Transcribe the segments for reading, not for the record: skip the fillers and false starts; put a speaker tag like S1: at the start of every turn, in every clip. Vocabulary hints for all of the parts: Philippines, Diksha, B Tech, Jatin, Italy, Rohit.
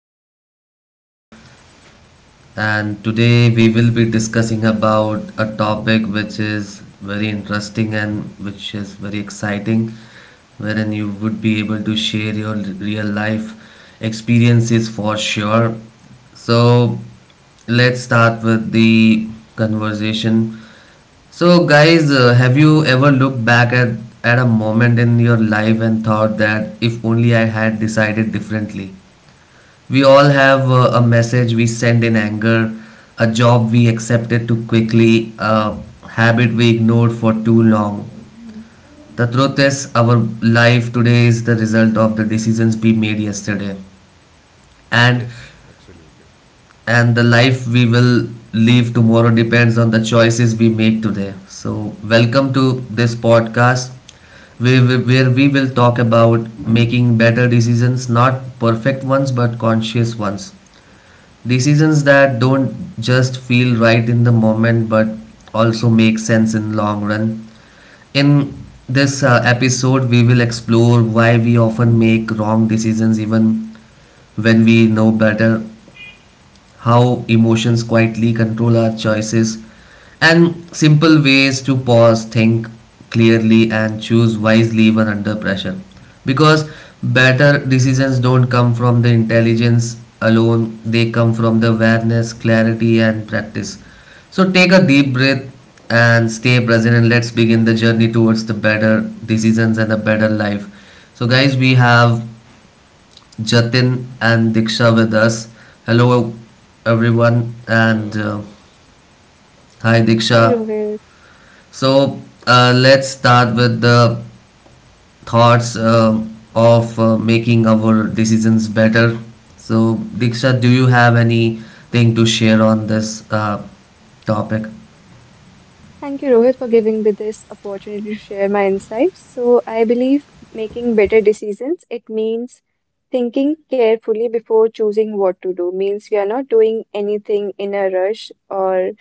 S1: the episode, and today we will be discussing about a topic which is very interesting and which is very exciting, wherein you would be able to share your real life experiences for sure. So let's start with the conversation. So, guys, have you ever looked back at a moment in your life and thought that if only I had decided differently? We all have a message we send in anger, a job we accepted too quickly, a habit we ignored for too long. The truth is, our life today is the result of the decisions we made yesterday, and
S2: Yes, absolutely.
S1: and the life we will live tomorrow depends on the choices we make today. So, welcome to this podcast where we will talk about making better decisions, not perfect ones but conscious ones. Decisions that don't just feel right in the moment but also make sense in long run. In this episode we will explore why we often make wrong decisions even when we know better, how emotions quietly control our choices, and simple ways to pause, think clearly, and choose wisely even under pressure. Because better decisions don't come from the intelligence alone, they come from the awareness, clarity, and practice. So take a deep breath and stay present, and let's begin the journey towards the better decisions and a better life. So, guys, we have Jatin and Diksha with us. Hello, everyone, and
S2: Hello,
S1: hi,
S2: hello.
S3: Hi
S1: Diksha.
S3: Rohit.
S1: So, let's start with the thoughts of making our decisions better. So,
S2: Mm,
S1: Diksha,
S2: yes,
S1: do you have anything to share on this topic?
S3: Thank you, Rohit, for giving me this opportunity to share my insights. So, I believe making better decisions, it means thinking carefully before choosing what to do. Means we are not doing anything in a rush or,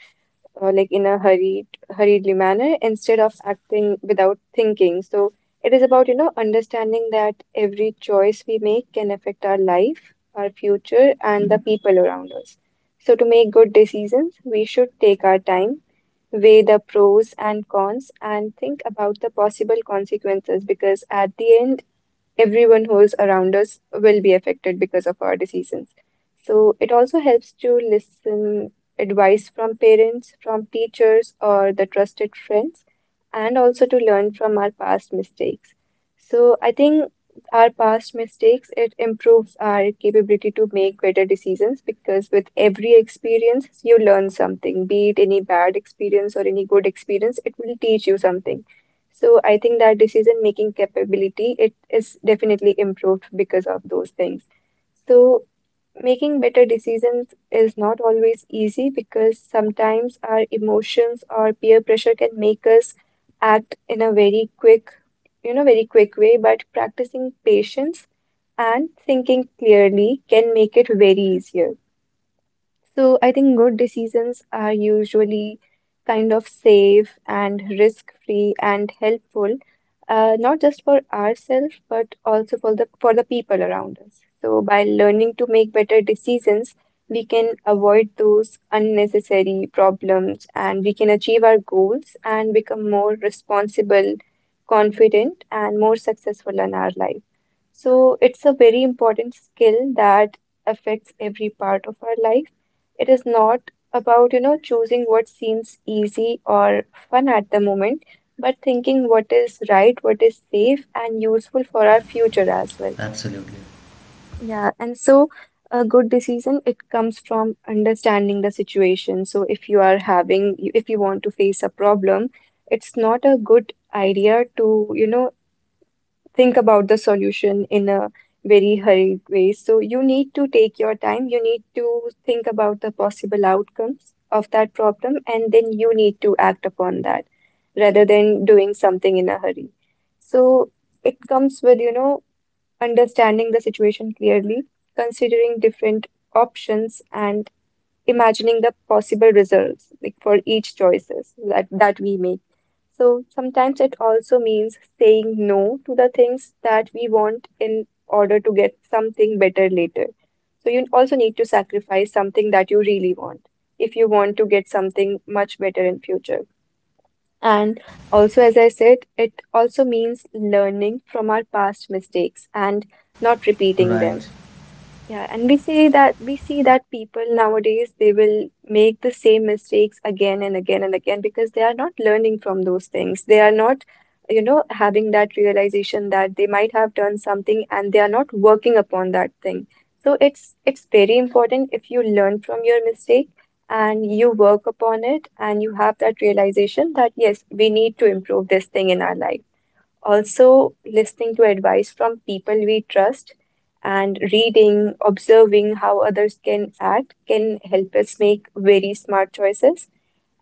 S3: or like in a hurriedly manner instead of acting without thinking. So, it is about, understanding that every choice we make can affect our life, our future, and the people around us. So, to make good decisions, we should take our time, weigh the pros and cons, and think about the possible consequences because at the end, everyone who's around us will be affected because of our decisions. So it also helps to listen advice from parents, from teachers, or the trusted friends, and also to learn from our past mistakes. So I think our past mistakes, it improves our capability to make better decisions because with every experience you learn something, be it any bad experience or any good experience, it will teach you something. So I think that decision making capability, it is definitely improved because of those things. So making better decisions is not always easy because sometimes our emotions or peer pressure can make us act in a very quick, very quick way, but practicing patience and thinking clearly can make it very easier. So I think good decisions are usually kind of safe and risk-free and helpful, not just for ourselves, but also for the people around us. So by learning to make better decisions, we can avoid those unnecessary problems and we can achieve our goals and become more responsible, confident, and more successful in our life. So it's a very important skill that affects every part of our life. It is not about, choosing what seems easy or fun at the moment, but thinking what is right, what is safe and useful for our future as well.
S1: Absolutely.
S3: Yeah, and so a good decision, it comes from understanding the situation. So if you want to face a problem, it's not a good idea to, think about the solution in a very hurried way. So you need to take your time, you need to think about the possible outcomes of that problem, and then you need to act upon that rather than doing something in a hurry. So it comes with, understanding the situation clearly, considering different options and imagining the possible results like for each choices that we make. So sometimes it also means saying no to the things that we want in order to get something better later. So you also need to sacrifice something that you really want if you want to get something much better in future. And also, as I said, it also means learning from our past mistakes and not repeating them.
S1: Right.
S3: Yeah, and we see that people nowadays they will make the same mistakes again and again and again because they are not learning from those things. They are not, having that realization that they might have done something and they are not working upon that thing. So it's very important if you learn from your mistake and you work upon it and you have that realization that yes, we need to improve this thing in our life. Also, listening to advice from people we trust and reading, observing how others can act can help us make very smart choices.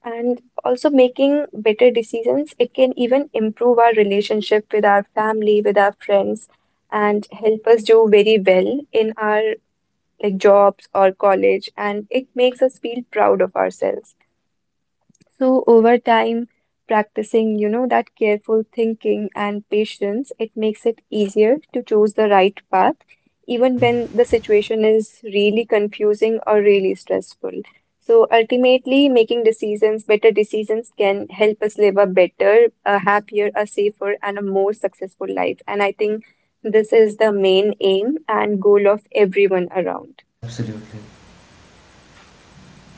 S3: And also, making better decisions, it can even improve our relationship with our family, with our friends, and help us do very well in our like jobs or college. And it makes us feel proud of ourselves. So over time, practicing, that careful thinking and patience, it makes it easier to choose the right path, even when the situation is really confusing or really stressful. So ultimately, better decisions can help us live a better, a happier, a safer, and a more successful life. And I think this is the main aim and goal of everyone around.
S1: Absolutely.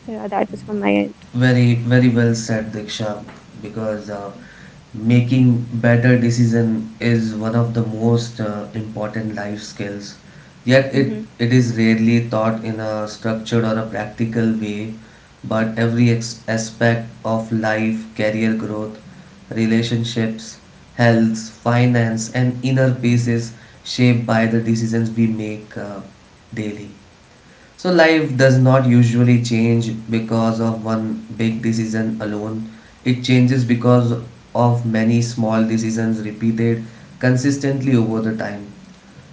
S3: So yeah, that was from my end.
S1: Very, very well said, Diksha, because making better decision is one of the most important life skills. Yet it,
S3: Hmm.
S1: it is rarely taught in a structured or a practical way, but every aspect of life, career growth, relationships, health, finance, and inner peace is shaped by the decisions we make daily. So life
S3: Yeah.
S1: does not usually change because of one big decision alone. It changes because of many small decisions repeated consistently over the time.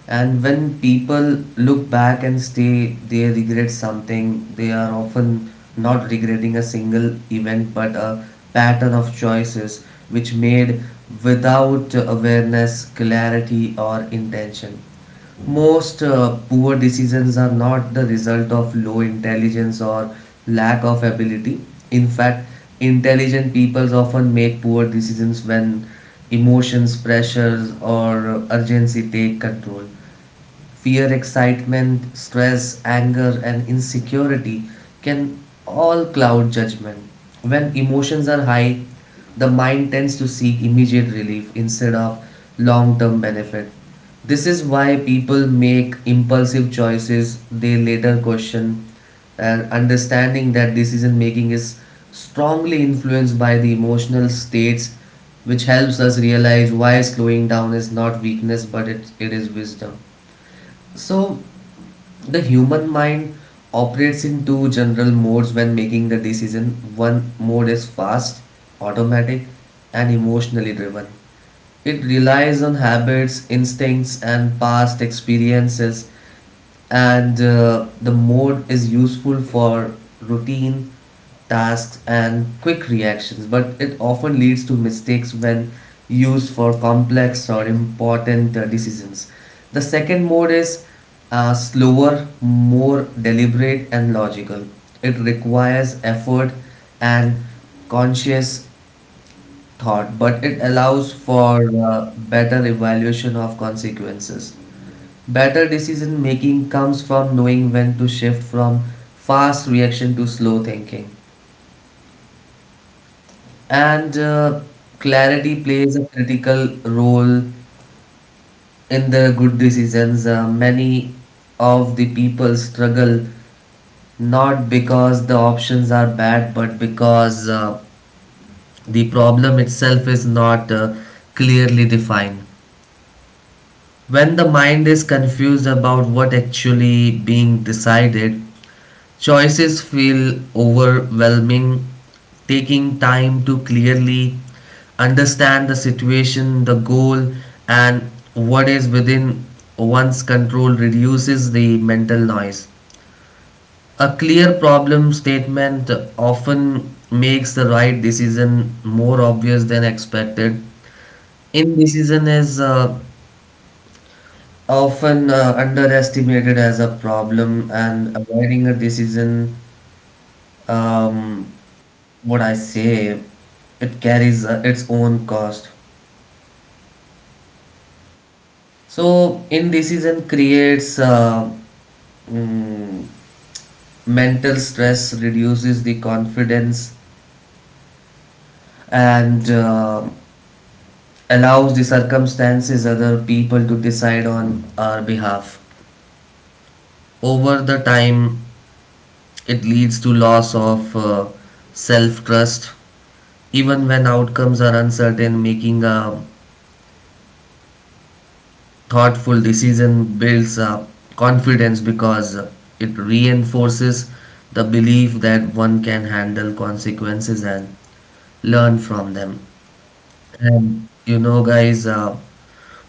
S1: And when people look back and say they regret something, they are often not regretting a single event but a pattern of choices which made without awareness, clarity, or intention. Most poor decisions are not the result of low intelligence or lack of ability. In fact, intelligent people often make poor decisions when emotions, pressures, or urgency take control: fear, excitement, stress, anger, and insecurity can all cloud judgment. When emotions are high, the mind tends to seek immediate relief instead of long term benefit. This is why people make impulsive choices they later question, and understanding that decision making is strongly influenced by the emotional states, which helps us realize why slowing down is not weakness but it is wisdom. So the human mind operates in two general modes when making the decision. One mode is fast, automatic, and emotionally driven. It relies on habits, instincts, and past experiences, and the mode is useful for routine tasks and quick reactions, but it often leads to mistakes when used for complex or important decisions. The second mode is slower, more deliberate, and logical. It requires effort and conscious thought, but it allows for better evaluation of consequences. Better decision making comes from knowing when to shift from fast reaction to slow thinking. And clarity plays a critical role in the good decisions. Many of the people struggle not because the options are bad, but because the problem itself is not clearly defined. When the mind is confused about what actually being decided, choices feel overwhelming. Taking time to clearly understand the situation, the goal, and what is within one's control reduces the mental noise. A clear problem statement often makes the right decision more obvious than expected. Indecision is often underestimated as a problem, and avoiding a decision, um, what I say, it carries its own cost. So indecision creates mm, mental stress, reduces the confidence, and allows the circumstances other people to decide on our behalf. Over the time, it leads to loss of self trust. Even when outcomes are uncertain, making a thoughtful decision builds up confidence because it reinforces the belief that one can handle consequences and learn from them. And you know guys,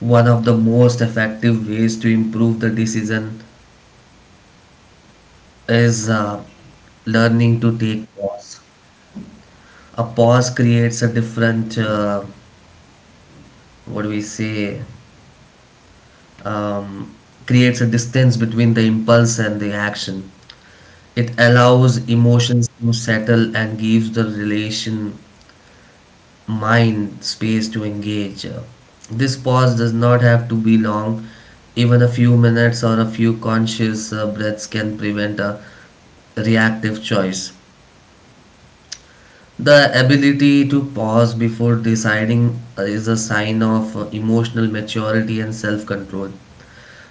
S1: one of the most effective ways to improve the decision is learning to take pause. A pause creates a different, what do we say um, creates a distance between the impulse and the action. It allows emotions to settle and gives the relation mind space to engage. This pause does not have to be long. Even a few minutes or a few conscious breaths can prevent a reactive choice. The ability to pause before deciding is a sign of emotional maturity and self control.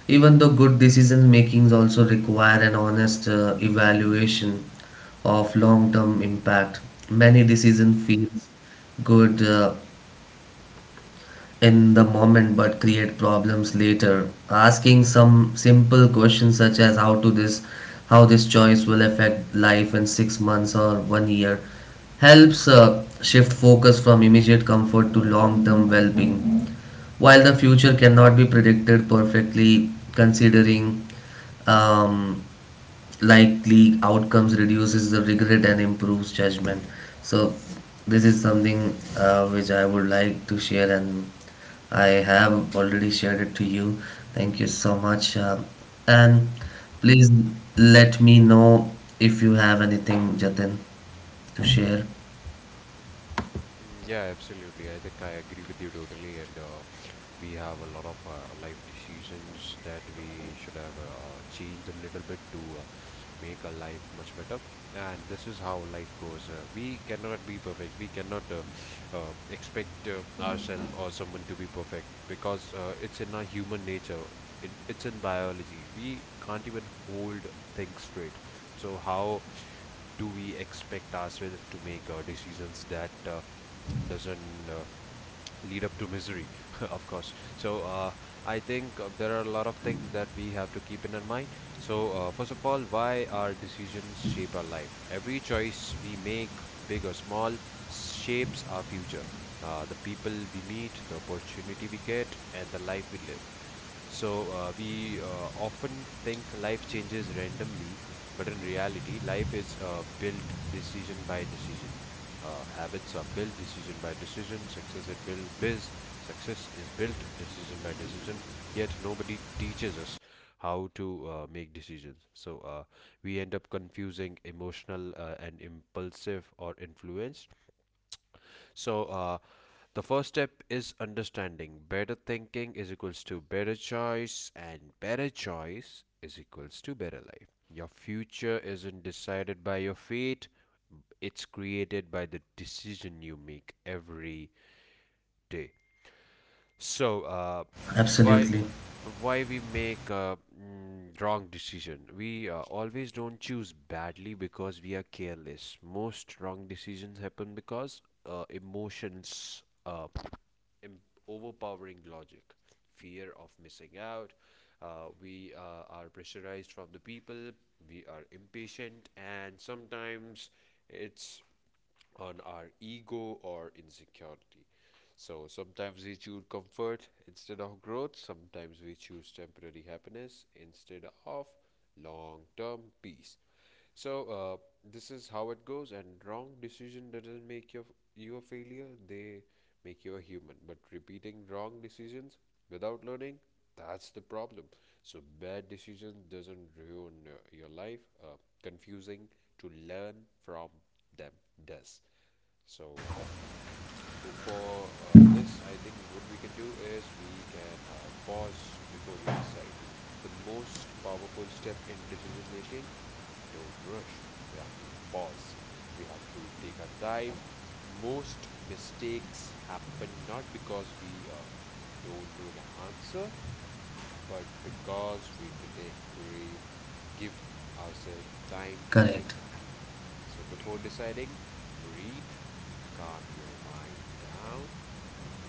S1: Even though good decision makings also require an honest evaluation of long-term impact, many decision feels good in the moment but create problems later. Asking some simple questions such as how this choice will affect life in 6 months or one year, helps shift focus from immediate comfort to long term well being. While the future cannot be predicted perfectly, considering um, likely outcomes reduces the regret and improves judgment. So this is something which I would like to share, and I have already shared it to you. Thank you so much, and please let me know if you have anything, Jatin, to share.
S2: Yeah, absolutely. I think I agree with you totally. And we have a lot of life decisions that we should have changed a little bit to make our life much better. And this is how life goes. We cannot be perfect. We cannot expect ourselves or someone to be perfect because it's in our human nature. It's in biology. We can't even hold things straight. So how do we expect ourselves to make decisions that doesn't lead up to misery of course? So I think there are a lot of things that we have to keep in our mind. So first of all, why our decisions shape our life: every choice we make, big or small, shapes our future, the people we meet, the opportunity we get, and the life we live. So we often think life changes randomly, but in reality, life is built decision by decision. Habits are built decision by decision. Success is built biz. Success is built decision by decision. Yet nobody teaches us how to make decisions. So we end up confusing emotional and impulsive or influenced. So the first step is understanding better thinking is equals to better choice, and better choice is equals to better life. Your future isn't decided by your fate, it's created by the decision you make every day. So why
S1: Absolutely.
S2: why we make wrong decision? We always don't choose badly because we are careless. Most wrong decisions happen because emotions em- overpowering logic, fear of missing out. We are pressurized from the people, we are impatient, and sometimes it's on our ego or insecurity. So sometimes we choose comfort instead of growth, sometimes we choose temporary happiness instead of long term peace. So uh, this is how it goes, and wrong decision doesn't make you a failure; they make you a human. But repeating wrong decisions without learning, that's the problem. So bad decisions doesn't ruin your life. Confusing to learn from them does. So for this, I think what we can do is we can pause before we decide. The most powerful step in decision making: don't rush, we have to pause, we have to take our time. Most mistakes happen not because we don't know the answer, but because we didn't give ourselves time to
S1: Correct.
S2: think. So before deciding, breathe, calm your mind down,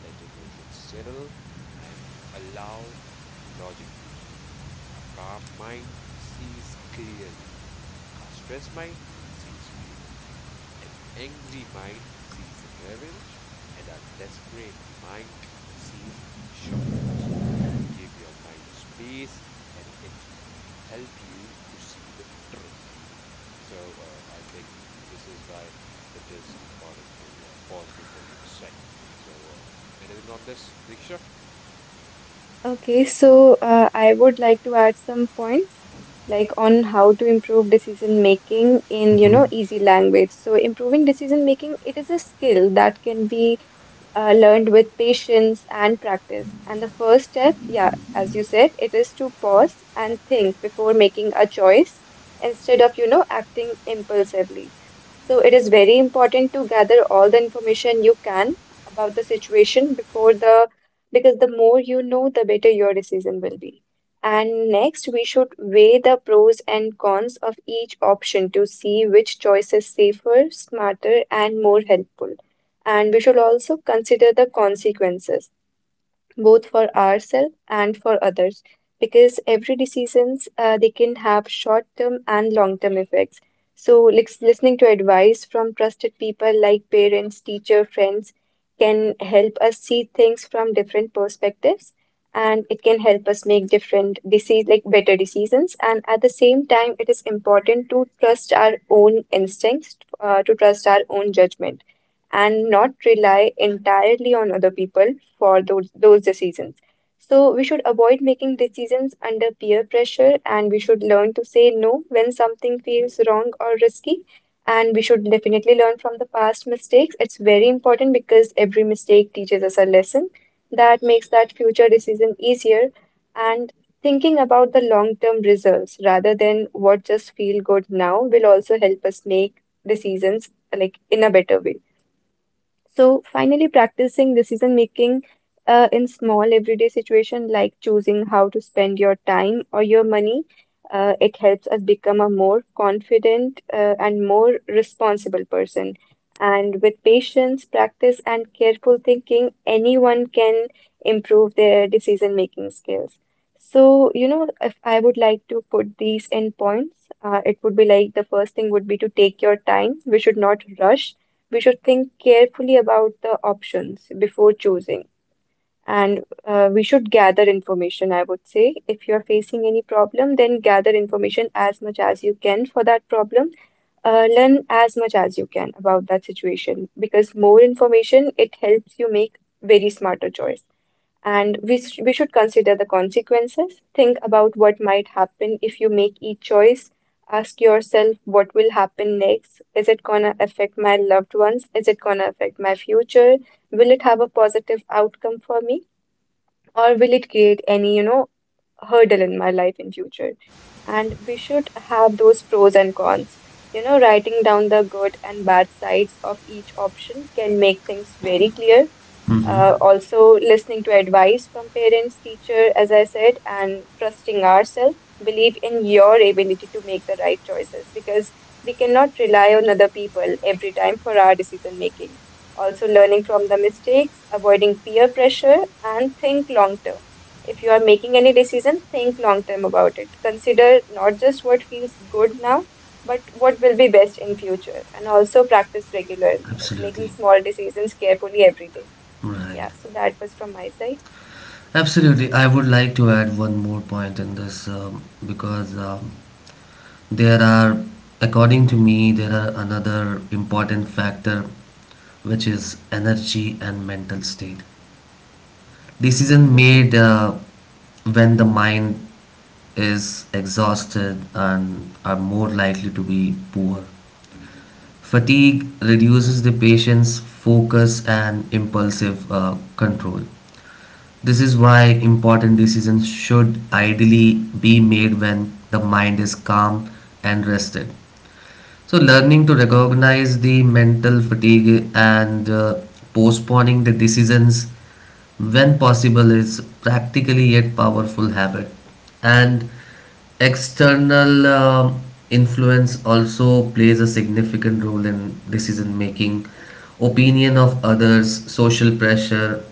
S2: let emotions settle, and allow logic to speak. A calm mind sees clearly, a stressed mind sees fear. An angry mind sees revenge. And a desperate mind sees shortcuts. Give your mind space and it help you to see the truth. So I think this is why it is important to pause before you decide. So, anything on this, Diksha?
S3: Okay, so I would like to add some points like on how to improve decision making in,
S1: Mm-hmm.
S3: easy language. So improving decision making, it is a skill that can be learned with patience and practice. And the first step, yeah, as you said, it is to pause and think before making a choice instead of, acting impulsively. So it is very important to gather all the information you can about the situation before the because the more you know, the better your decision will be. And next, we should weigh the pros and cons of each option to see which choice is safer, smarter, and more helpful. And we should also consider the consequences both for ourselves and for others because every decisions, they can have short term and long term effects. So listening to advice from trusted people like parents, teacher, friends can help us see things from different perspectives, and it can help us make different disease, like better decisions. And at the same time, it is important to trust our own instincts, to trust our own judgment and not rely entirely on other people for those decisions. So we should avoid making decisions under peer pressure and we should learn to say no when something feels wrong or risky. And we should definitely learn from the past mistakes. It's very important because every mistake teaches us a lesson that makes that future decision easier. And thinking about the long-term results rather than what just feel good now will also help us make decisions like in a better way. So finally, practicing decision making in small everyday situation like choosing how to spend your time or your money, it helps us become a more confident and more responsible person. And with patience, practice, and careful thinking, anyone can improve their decision making skills. So, if I would like to put these in points, it would be like the first thing would be to take your time. We should not rush, we should think carefully about the options before choosing. And we should gather information, I would say. If you're facing any problem, then gather information as much as you can for that problem. Learn as much as you can about that situation because more information, it helps you make very smarter choice. And we should consider the consequences. Think about what might happen if you make each choice. Ask yourself what will happen next. Is it gonna affect my loved ones? Is it gonna affect my future? Will it have a positive outcome for me? Or will it create any, hurdle in my life in future? And we should have those pros and cons. Writing down the good and bad sides of each option can make things very clear.
S1: Mm-hmm.
S3: Also, listening to advice from parents, teacher, as I said, and trusting ourselves. Believe in your ability to make the right choices because we cannot rely on other people every time for our decision making. Also, learning from the mistakes, avoiding peer pressure, and think long term. If you are making any decision, think long term about it. Consider not just what feels good now, but what will be best in future. And also practice regularly, like making
S1: Absolutely.
S3: small decisions carefully every day.
S1: Right.
S3: Yeah, so that was from my side.
S1: Absolutely. I would like to add one more point in this, because There are, according to me, there are another important factor which is energy and mental state. Decision
S3: Mhm.
S1: made when the mind is exhausted and are more likely to be poor. Fatigue reduces the patient's focus and impulsive control. This is why important decisions should ideally be made when the mind is calm and rested. So, learning to recognize the mental fatigue and postponing the decisions when possible is practically yet powerful habit. And external influence also plays a significant role in decision making. Opinion of others, social pressure,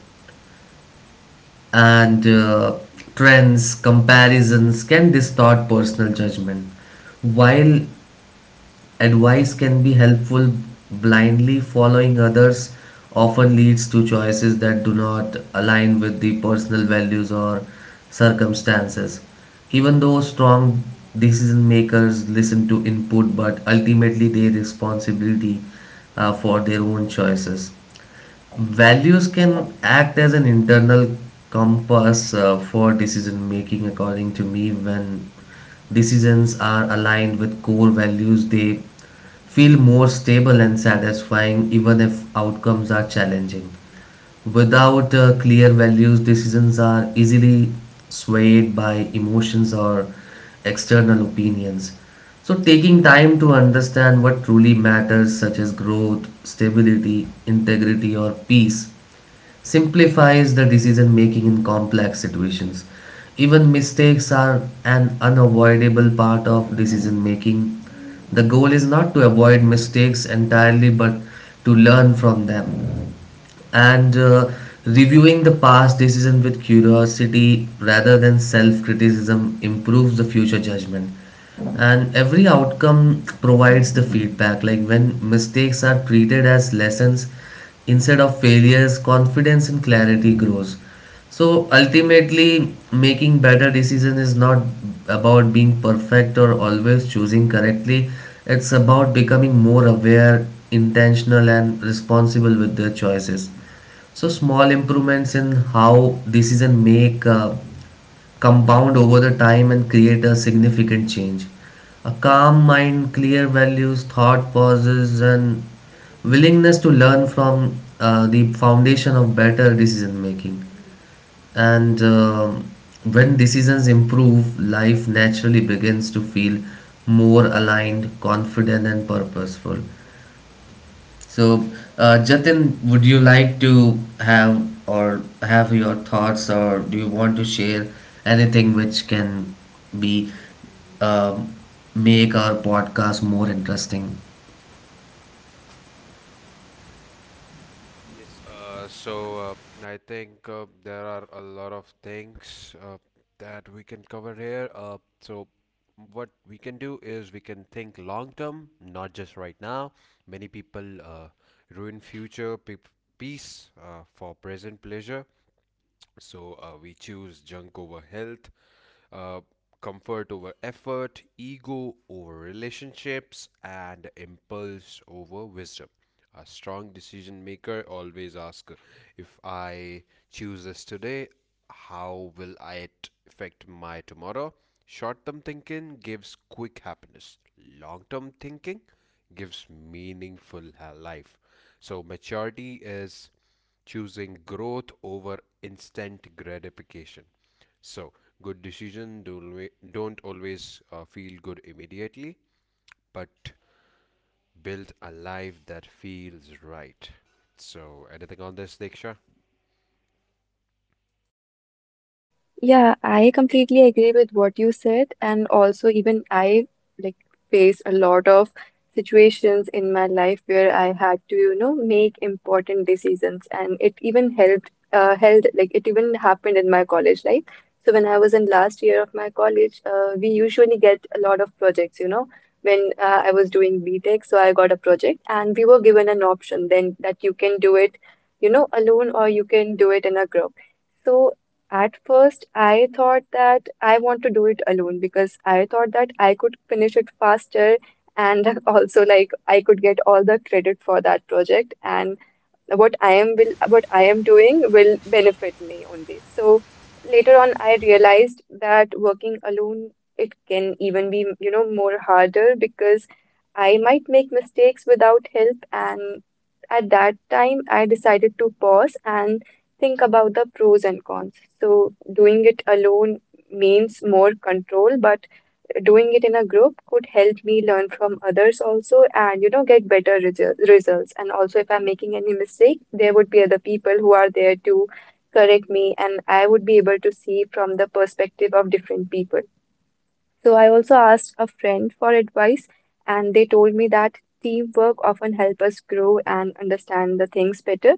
S1: and trends, comparisons can distort personal judgment. While advice can be helpful, blindly following others often leads to choices that do not align with the personal values or circumstances. Even though strong decision makers listen to input, but ultimately they responsibility for their own choices. Values can act as an internal compass for decision making, according to me. When decisions are aligned with core values, they feel more stable and satisfying, even if outcomes are challenging. Without clear values, decisions are easily swayed by emotions or external opinions. So, taking time to understand what truly matters, such as growth, stability, integrity, or peace, simplifies the decision making in complex situations. Even mistakes are an unavoidable part of decision making. The goal is not to avoid mistakes entirely but to learn from them, and reviewing the past decision with curiosity rather than self-criticism improves the future judgment. And every outcome provides the feedback; like when mistakes are treated as lessons instead of failures, confidence and clarity grows. So ultimately making better decisions is not about being perfect or always choosing correctly, it's about becoming more aware, intentional, and responsible with their choices. So small improvements in how decision make compound over the time and create a significant change. A calm mind, clear values, thought pauses, and willingness to learn from the foundation of better decision making. And when decisions improve, life naturally begins to feel more aligned, confident, and purposeful. So, Jatin, would you like to have or have your thoughts, or do you want to share anything which can be, um, make our podcast more interesting?
S2: Yes, I think there are a lot of things that we can cover here. So what we can do is we can think long term, not just right now. Many people ruin peace for present pleasure. So, we choose junk over health, uh, comfort over effort, ego over relationships, and impulse over wisdom. A strong decision maker always asks, if I choose this today, how will it affect my tomorrow? Short term thinking gives quick happiness, long term thinking gives meaningful life. So, maturity is choosing growth over instant gratification. So, good decision don't always feel good immediately, but build a life that feels right. So, anything on this, Diksha?
S3: Yeah, I completely agree with what you said. And also, even I like face a lot of situations in my life where I had to, make important decisions. And it even helped, held like it even happened in my college life. So when I was in last year of my college, we usually get a lot of projects. When I was doing B Tech, so I got a project and we were given an option then that you can do it, alone or you can do it in a group. So at first, I thought that I want to do it alone because I thought that I could finish it faster and also like I could get all the credit for that project and what I am doing will benefit me only. So later on, I realized that working alone it can even be more harder because I might make mistakes without help and at that time, I decided to pause and think about the pros and cons. So, doing it alone means more control, but doing it in a group could help me learn from others also and, get better results. And also, if I'm making any mistake, there would be other people who are there to correct me, and I would be able to see from the perspective of different people. So I also asked a friend for advice, and they told me that teamwork often help us grow and understand the things better.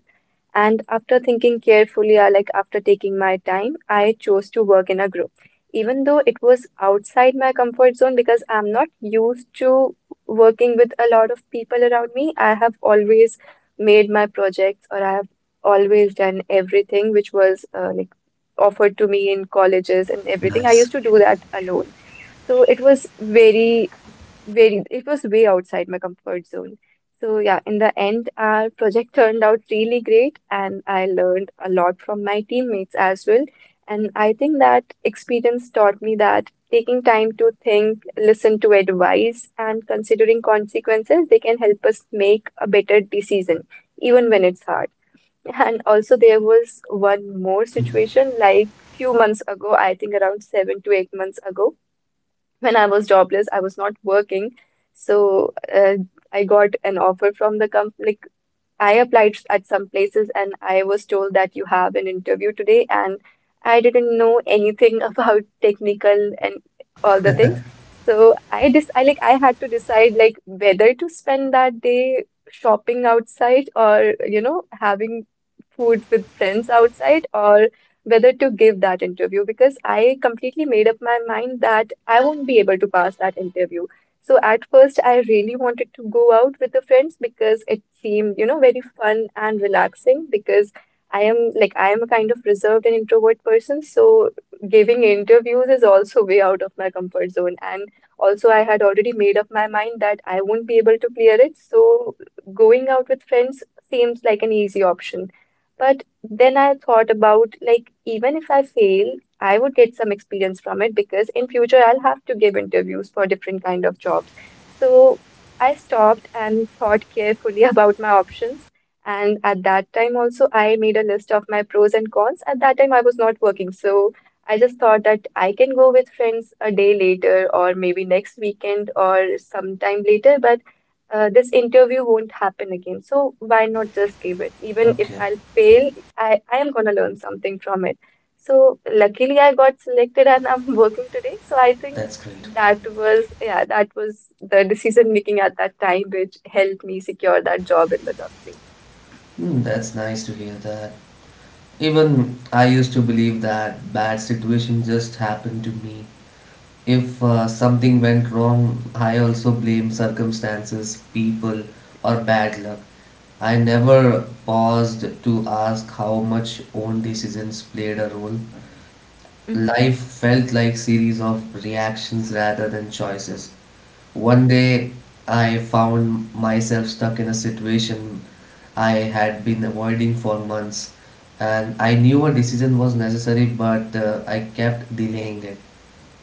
S3: And after thinking carefully, I like after taking my time, I chose to work in a group. Even though it was outside my comfort zone because I'm not used to working with a lot of people around me, I have always made my projects or I have always done everything which was like offered to me in colleges and everything. I
S1: Nice.
S3: used to do that alone. So it was very, it was way outside my comfort zone. So yeah, in the end, our project turned out really great, and I learned a lot from my teammates as well. And I think that experience taught me that taking time to think, listen to advice, and considering consequences, they can help us make a better decision, even when it's hard. And also, there was one more situation like few months ago, I think around 7 to 8 months ago when I was jobless, I was not working. So I got an offer from the company. I applied at some places and I was told that you have an interview today, and I didn't know anything about technical and all the things. So I had to decide like whether to spend that day shopping outside or you know having food with friends outside or whether to give that interview because I completely made up my mind that I won't be able to pass that interview. So at first, I really wanted to go out with the friends because it seemed, you know, very fun and relaxing because I am a kind of reserved and introvert person, so giving interviews is also way out of my comfort zone. And also, I had already made up my mind that I won't be able to clear it, so going out with friends seems like an easy option. But then I thought about like even if I fail, I would get some experience from it because in future I'll have to give interviews for different kind of jobs. So I stopped and thought carefully about my options. And at that time also I made a list of my pros and cons. At that time I was not working, so I just thought that I can go with friends a day later or maybe next weekend or sometime later, but this interview won't happen again. So why not just give it? Even if
S1: Okay,
S3: I'll fail, I am gonna learn something from it. So luckily I got selected and I'm working today. So I think
S1: that's great.
S3: that was yeah, that was the decision making at that time which helped me secure that job in the company.
S1: Hmm, that's nice to hear that. Even I used to believe that bad situation just happened to me. If something went wrong, I also blame circumstances, people, or bad luck. I never paused to ask how much own decisions played a role.
S3: Hmm.
S1: Life felt like series of reactions rather than choices. One day I found myself stuck in a situation I had been avoiding for months, and I knew a decision was necessary but I kept delaying it.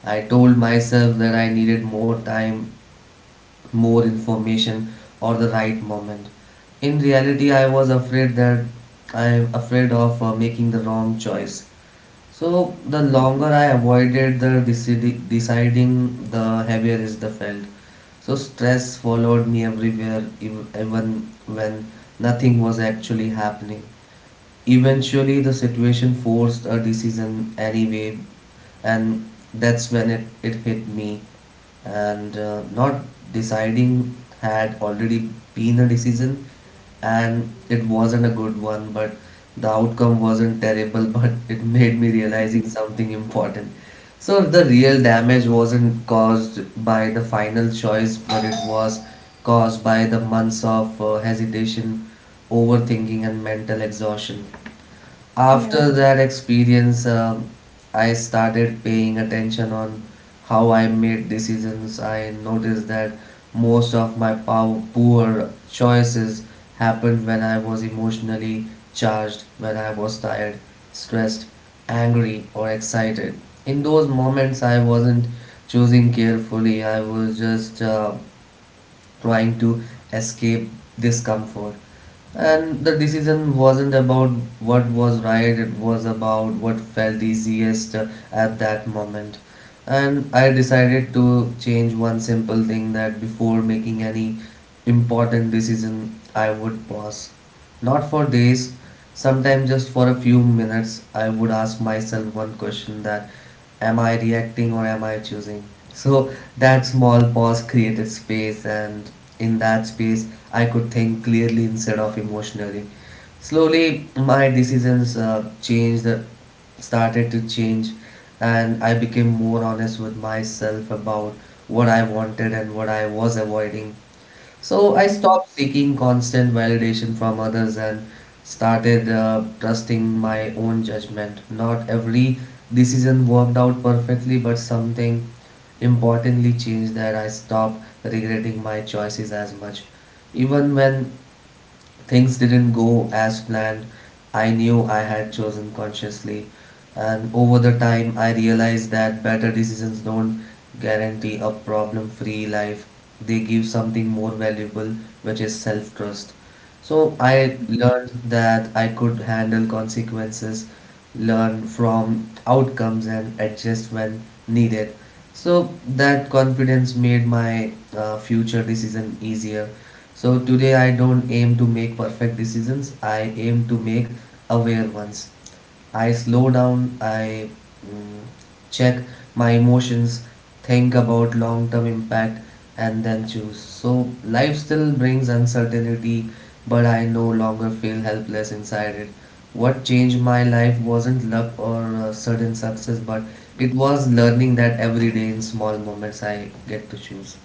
S1: I told myself that I needed more time, more information, or the right moment. In reality I was afraid that I am afraid of making the wrong choice. So the longer I avoided the deciding, the heavier is the felt. So stress followed me everywhere, even when nothing was actually happening. Eventually, the situation forced a decision anyway, and that's when it hit me. And not deciding had already been a decision, and it wasn't a good one, but the outcome wasn't terrible, but it made me realizing something important. So the real damage wasn't caused by the final choice, but it was caused by the months of hesitation, overthinking, and mental exhaustion.
S3: Yeah.
S1: After that experience, I started paying attention on how I made decisions. I noticed that most of my poor choices happened when I was emotionally charged, when I was tired, stressed, angry, or excited. In those moments, I wasn't choosing carefully. I was just trying to escape discomfort. And the decision wasn't about what was right, it was about what felt easiest at that moment. And I decided to change one simple thing that before making any important decision, I would pause. Not for days, sometimes just for a few minutes, I would ask myself one question that am I reacting or am I choosing? So that small pause created space, and in that space, I could think clearly instead of emotionally. Slowly, my decisions started to change, and I became more honest with myself about what I wanted and what I was avoiding. So I
S3: Hmm.
S1: stopped seeking constant validation from others and started trusting my own judgment. Not every decision worked out perfectly, but something importantly changed that I stopped regretting my choices as much. Even when things didn't go as planned. I knew I had chosen consciously, and over the time, I realized that better decisions don't guarantee a problem free life. They give something more valuable, which is self trust. So, I learned that I could handle consequences, learn from outcomes, and adjust when needed. So, that confidence made my future decision easier. So today I don't aim to make perfect decisions. I aim to make aware ones. I slow down. I mm, check my emotions, think about long-term impact, and then choose. So life still brings uncertainty, but I no longer feel helpless inside it. What changed my life wasn't luck or sudden success, but it was learning that every day in small moments I get to choose.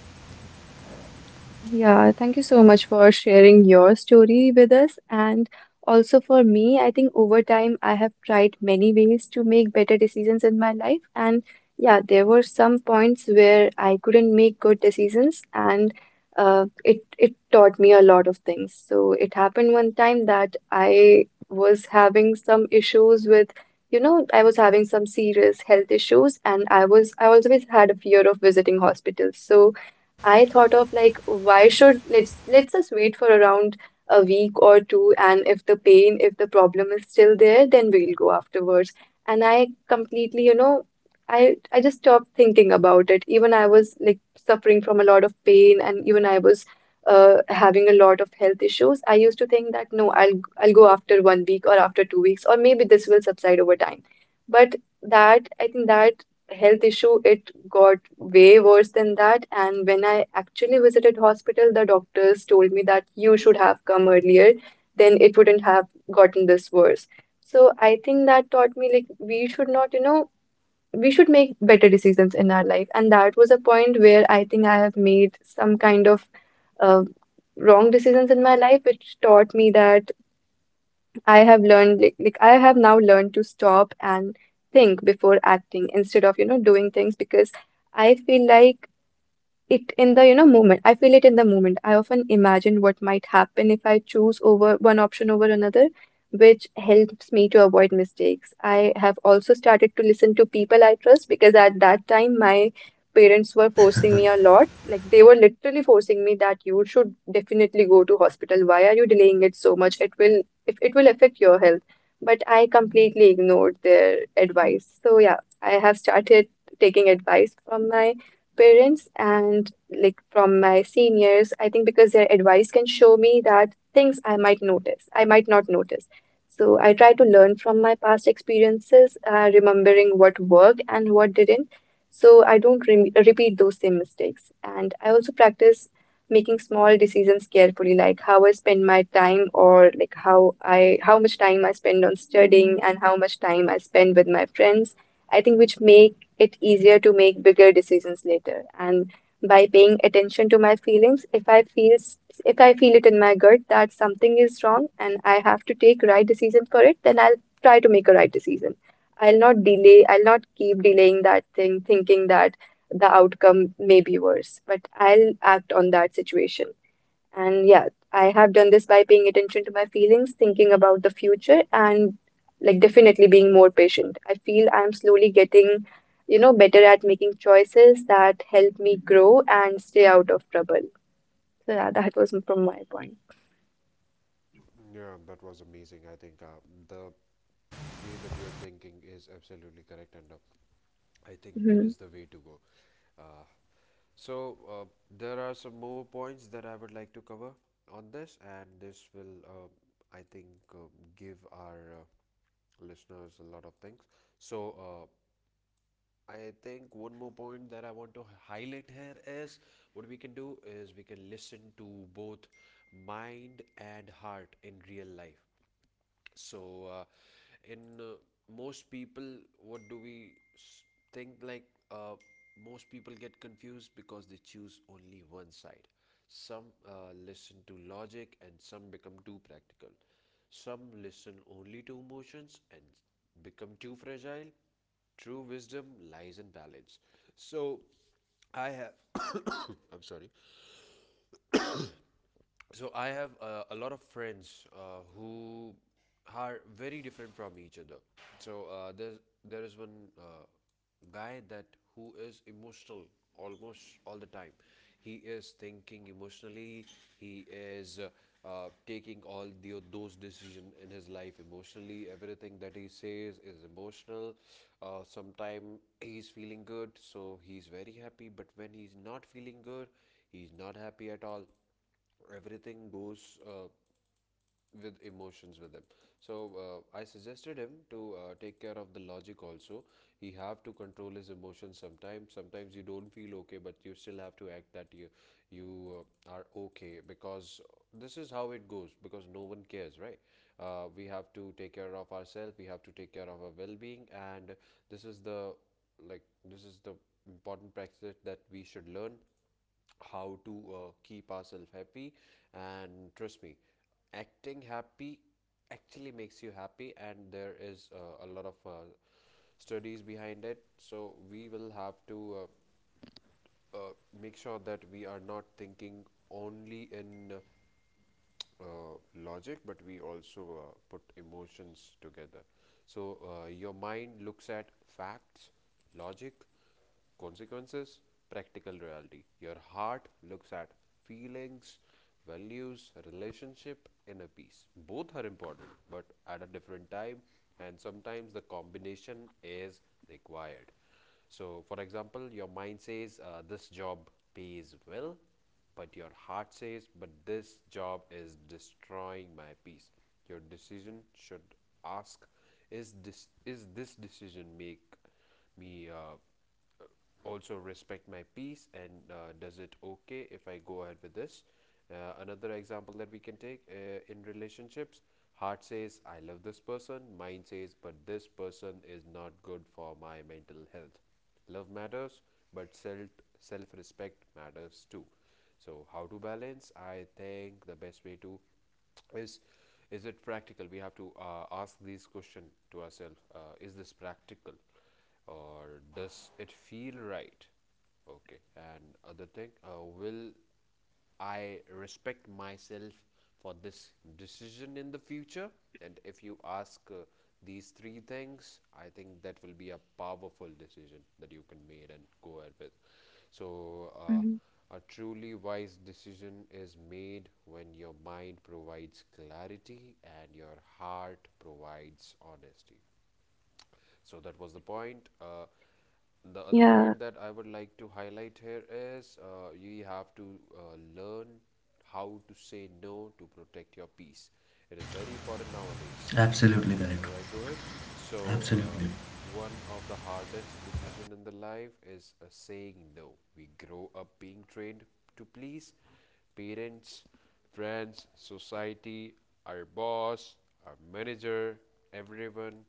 S3: Yeah, thank you so much for sharing your story with us. And also for me, I think over time I have tried many ways to make better decisions in my life. And yeah, there were some points where I couldn't make good decisions, and it it taught me a lot of things. So it happened one time that I was having some issues with, you know, I was having some serious health issues, and I was I always had a fear of visiting hospitals. So I thought of like why should let's just wait for around a week or two and if the pain if the problem is still there then we'll go afterwards and I completely you know I just stopped thinking about it even I was like suffering from a lot of pain and even I was having a lot of health issues. I used to think that no I'll go after 1 week or after 2 weeks or maybe this will subside over time. But that I think that health issue, it got way worse than that. And when I actually visited hospital, the doctors told me that you should have come earlier, then it wouldn't have gotten this worse. So I think that taught me like we should not, you know, we should make better decisions in our life. And that was a point where I think I have made some kind of uh, wrong decisions in my life, which taught me that I have learned like I have now learned to stop and think before acting instead of, you know, doing things because I feel like it in the you know moment. I feel it in the moment I often imagine what might happen if I choose over one option over another, which helps me to avoid mistakes. I have also started to listen to people I trust because at that time my parents were forcing me a lot, like they were literally forcing me that you should definitely go to hospital, why are you delaying it so much? It will if it will affect your health. But I completely ignored their advice. So yeah, I have started taking advice from my parents and like from my seniors, I think because their advice can show me that things I might notice, I might not notice. So I try to learn from my past experiences, remembering what worked and what didn't. So I don't re repeat those same mistakes. And I also practice making small decisions carefully, like how I spend my time or like how I how much time I spend on studying and how much time I spend with my friends. I think which make it easier to make bigger decisions later. And by paying attention to my feelings, if I feel it in my gut that something is wrong and I have to take right decision for it, then I'll try to make a right decision. I'll not delay, I'll not keep delaying that thing, thinking that the outcome may be worse, but I'll act on that situation. And yeah, I have done this by paying attention to my feelings, thinking about the future, and like definitely being more patient. I feel I'm slowly getting, you know, better at making choices that help me grow and stay out of trouble. So yeah, that was from my point.
S2: Yeah, that was amazing. I think the way that you're thinking is absolutely correct, and I think that
S3: Mm-hmm.
S2: is the way to go. Uh, so, there are some more points that I would like to cover on this, and this will, I think, uh, give our listeners a lot of things. So, I think one more point that I want to highlight here is what we can do is we can listen to both mind and heart in real life. So in Most people, what do we s- think, like, uh, most people get confused because they choose only one side. Some listen to logic and some become too practical, some listen only to emotions and become too fragile. True wisdom lies in balance. So I have I'm sorry. So I have a lot of friends who are very different from each other. So uh, there's there is one guy that who is emotional almost all the time. He is thinking emotionally. He is taking all the those decisions in his life emotionally. Everything that he says is emotional. Sometime he's feeling good, so he's very happy. But when he's not feeling good, he's not happy at all. Everything goes with emotions with him. So I suggested him to take care of the logic also. He have to control his emotions. Sometimes, sometimes you don't feel okay but you still have to act that you are okay, because this is how it goes, because no one cares, right? Uh, we have to take care of ourselves, we have to take care of our well-being. And this is the like this is the important practice that we should learn: how to keep ourselves happy. And trust me, acting happy actually makes you happy, and there is a lot of studies behind it. So we will have to uh, uh, make sure that we are not thinking only in uh, logic, but we also put emotions together. So your mind looks at facts, logic, consequences, practical reality. Your heart looks at feelings, values, relationship, inner peace. Both are important, but at a different time, and sometimes the combination is required. So, for example, your mind says this job pays well, but your heart says, but this job is destroying my peace. Your decision should ask, is this decision make me also respect my peace, and does it okay if I go ahead with this? Another example that we can take in relationships: heart says I love this person, mind says but this person is not good for my mental health. Love matters, but self respect matters too. So how to balance? I think the best way to is is it practical? We have to ask these question to ourselves: is this practical, or does it feel right? Okay, and other thing, will I respect myself for this decision in the future. And if you ask these three things, I think that will be a powerful decision that you can make and go ahead with. So,
S3: Mm-hmm.
S2: a truly wise decision is made when your mind provides clarity and your heart provides honesty. So, that was the point. The other
S3: Yeah.
S2: point that I would like to highlight here is you have to learn how to say no to protect your peace. It is very important nowadays, right, Rohit? So, one of the hardest decision in the life is saying no. We grow up being trained to please parents, friends, society, our boss, our manager, everyone.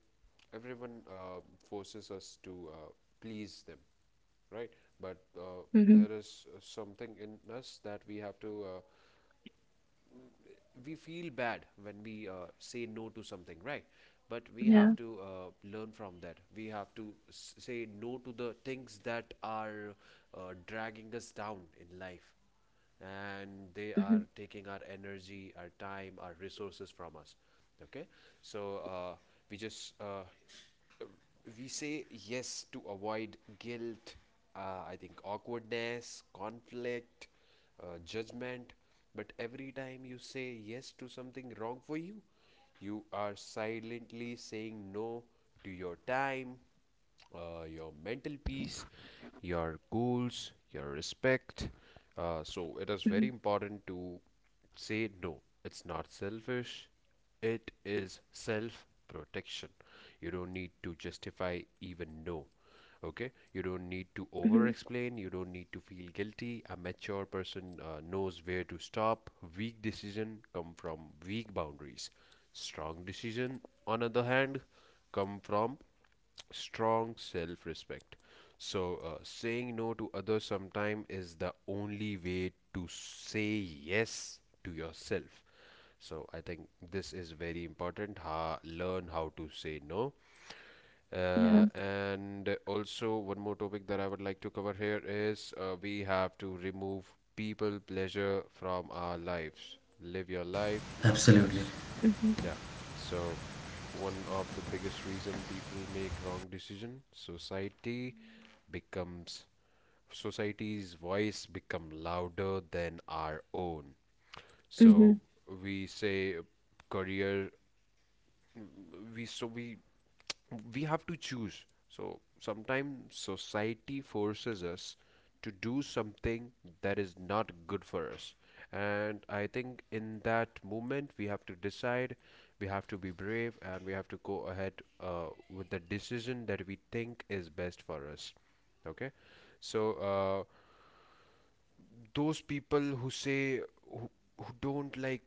S2: Everyone forces us to please them, right? But
S3: Mm-hmm.
S2: there is something in us that we have to we feel bad when we say no to something, right? But we
S3: Yeah.
S2: have to learn from that. We have to say no to the things that are dragging us down in life, and they
S3: Mm-hmm.
S2: are taking our energy, our time, our resources from us, okay? So uh, we just uh, we say yes to avoid guilt, I think awkwardness, conflict, judgment. But every time you say yes to something wrong for you, you are silently saying no to your time, your mental peace, your goals, your respect. So it is very
S3: Mm-hmm.
S2: important to say no. It's not selfish. It is self protection. You don't need to justify even no. Okay, you don't need to over
S3: Mm-hmm.
S2: explain, you don't need to feel guilty. A mature person knows where to stop. Weak decision come from weak boundaries. Strong decision, on the other hand, come from strong self respect. So, saying no to others sometime is the only way to say yes to yourself. So, I think this is very important. Ha, learn how to say no.
S3: Yeah.
S2: And also, one more topic that I would like to cover here is we have to remove people pleasure from our lives. Live your life, not
S1: Absolutely.
S2: theirs.
S3: Mm-hmm.
S2: Yeah. So one of the biggest reason people make wrong decision, society becomes society's voice become louder than our own.
S3: Mm-hmm.
S2: So we say career we so we we have to choose. So sometimes society forces us to do something that is not good for us. And I think in that moment, we have to decide, we have to be brave, and we have to go ahead uh, with the decision that we think is best for us. Okay, so uh, those people who say who, who don't like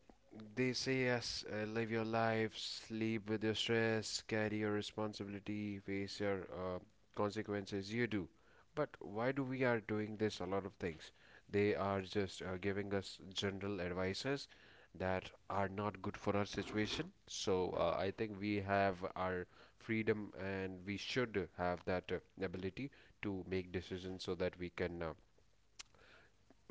S2: they say yes, live your life, sleep with your stress, carry your responsibility, face your consequences you do, but why do we are doing this? A lot of things they are just giving us general advices that are not good for our situation. So I think we have our freedom and we should have that ability to make decisions so that we can uh,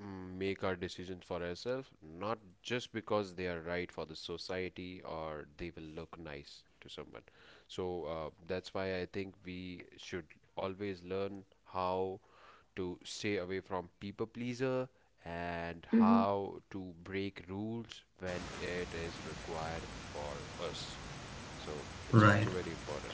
S2: mm, make our decisions for ourselves, not just because they are right for the society or they will look nice to someone. So that's why I think we should always learn how to stay away from people pleaser and
S3: Mm-hmm.
S2: how to break rules when it is required for us. So it's also very important.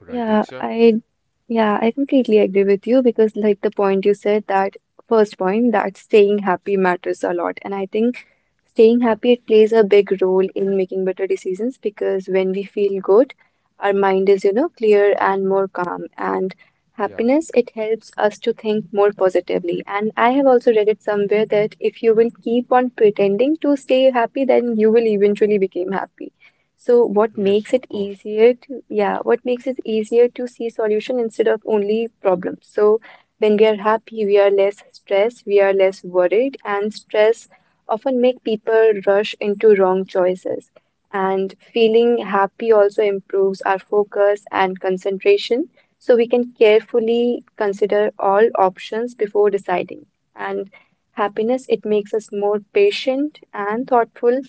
S2: Right,
S3: Yeah.
S2: Diksha?
S3: I. Yeah, I completely agree with you because, like the point you said, that first point that staying happy matters a lot. And I think staying
S2: Yeah.
S3: happy it plays a big role in making better decisions because when we feel good, our mind is, you know, clear and more calm. And
S2: Yeah.
S3: happiness, it helps us to think more positively. And I have also read it somewhere that if you will keep on pretending to stay happy, then you will eventually become happy. So what makes
S2: Yes,
S3: it
S2: of course.
S3: easier to, yeah, what makes it easier to see solution instead of only problems. So when we are happy, we are less stressed, we are less worried, and stress often make people rush into wrong choices. And feeling happy also improves our focus and concentration, so we can carefully consider all options before deciding. And happiness, it makes us more patient and thoughtful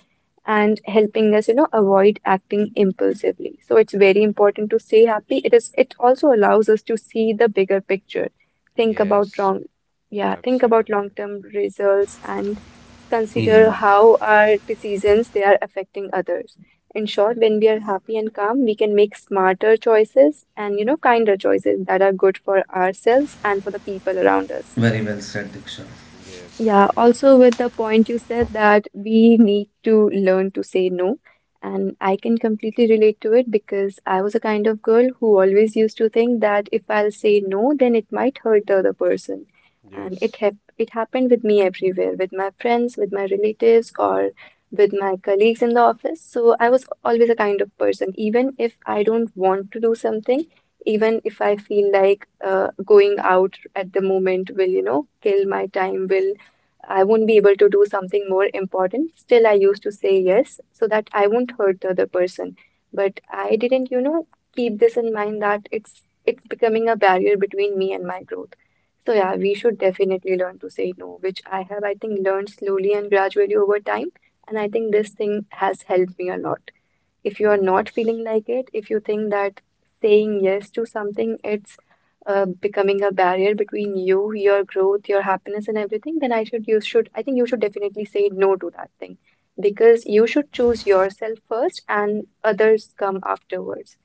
S3: and helping us you know avoid acting impulsively. So it's very important to stay happy. It is it also allows us to see the bigger picture, think about
S2: Yes,
S3: wrong, yeah think about
S2: absolutely.
S3: long term results and consider
S1: Yeah.
S3: how our decisions they are affecting others. In short, when we are happy and calm, we can make smarter choices and you know kinder choices that are good for ourselves and for the people around us.
S1: Very well said, Diksha.
S2: Yes,
S3: Yeah,
S2: absolutely.
S3: also with the point you said that we need to learn to say no. And I can completely relate to it because I was a kind of girl who always used to think that if I'll say no, then it might hurt the other person. And it
S2: Yes,
S3: hap it happened with me everywhere, with my friends, with my relatives, or with my colleagues in the office. So I was always a kind of person, even if I don't want to do something, even if I feel like going out at the moment will, you know, kill my time, will I won't be able to do something more important. Still, I used to say yes so that I won't hurt the other person. But I didn't, you know, keep this in mind that it's becoming a barrier between me and my growth. So yeah, we should definitely learn to say no, which I have, I think, learned slowly and gradually over time. And I think this thing has helped me a lot. If you're
S2: mm,
S3: not
S2: yes,
S3: feeling like it, if you think that saying yes to something it's becoming a barrier between you, your growth, your happiness, and everything, then I think you should definitely say no to that thing because you should choose yourself first and others come afterwards.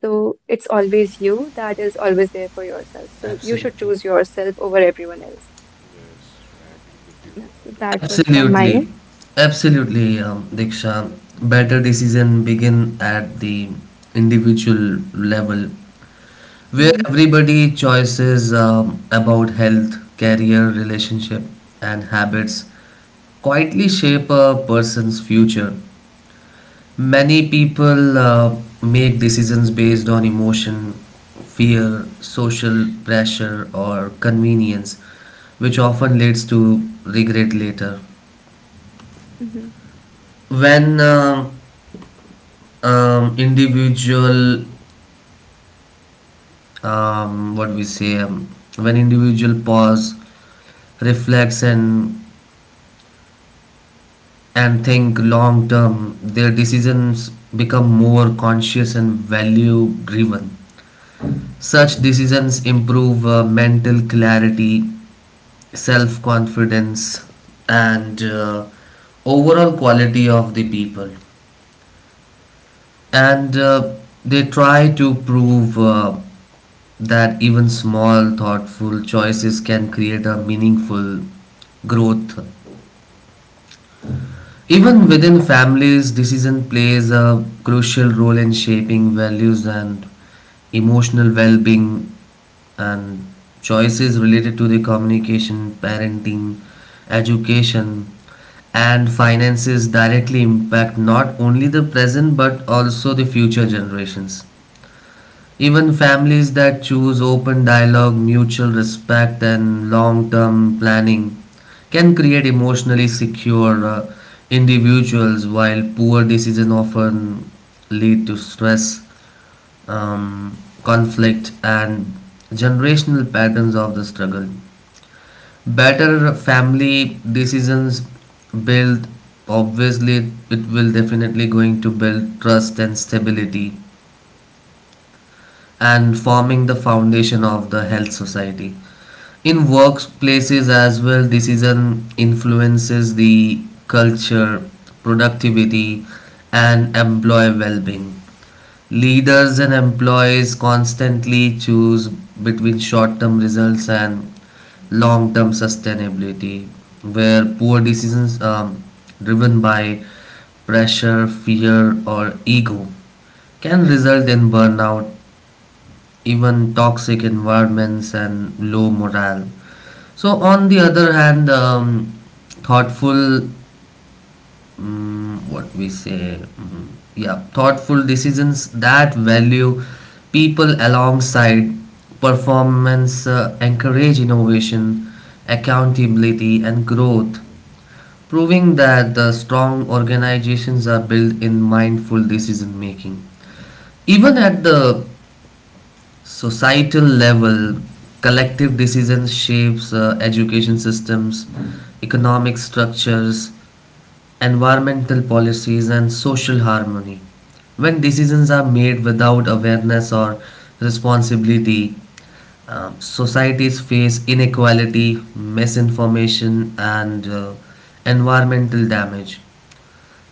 S3: So it's always you that is always there for yourself. So you should
S1: Absolutely.
S3: choose yourself over everyone else.
S2: yes, I agree with
S3: Yeah,
S2: you
S3: so that
S2: totally.
S3: was from my end.
S1: Absolutely. Absolutely, Diksha. Better decision begin at the individual level, where
S3: Hmm.
S1: everybody choices about health, career, relationship, and habits quietly shape a person's future. Many people make decisions based on emotion, fear, social pressure, or convenience, which often leads to regret later.
S3: Hmm.
S1: When individual, what we say, When individual pause, reflects, and think long term, their decisions become more conscious and value driven. Such decisions improve mental clarity, self confidence, and overall quality of the people. And they try to prove that even small, thoughtful choices can create a meaningful growth. Even within families, decision plays a crucial role in shaping values and emotional well-being, and choices related to the communication, parenting, education and finances directly impact not
S2: Not
S1: only the
S2: only
S1: present
S2: the,
S1: but also the future generations. Even families that choose open dialogue, mutual respect, and long term planning can create emotionally secure
S2: and
S1: individuals, while poor decisions often
S2: offer
S1: lead to stress, um, conflict, and generational patterns of the struggle. Better family decisions
S2: family
S1: build, obviously it will definitely going to build trust and stability and forming the foundation of the health society. In workplaces as well, decision influences the culture, productivity, and employee well being. Leaders and employees constantly choose between short term results and long term sustainability, where poor decisions driven by pressure, fear, or ego can result in burnout, even toxic environments and low morale. So, on the other hand, thoughtful, mm what we say, mm, yeah, thoughtful decisions that value people alongside performance encourage innovation, accountability, and growth, proving that the strong organizations are built in mindful decision making, even at the societal level. Collective decisions shapes education systems, economic structures, environmental policies and social harmony. When decisions are made without awareness or responsibility, societies face inequality, misinformation and environmental damage.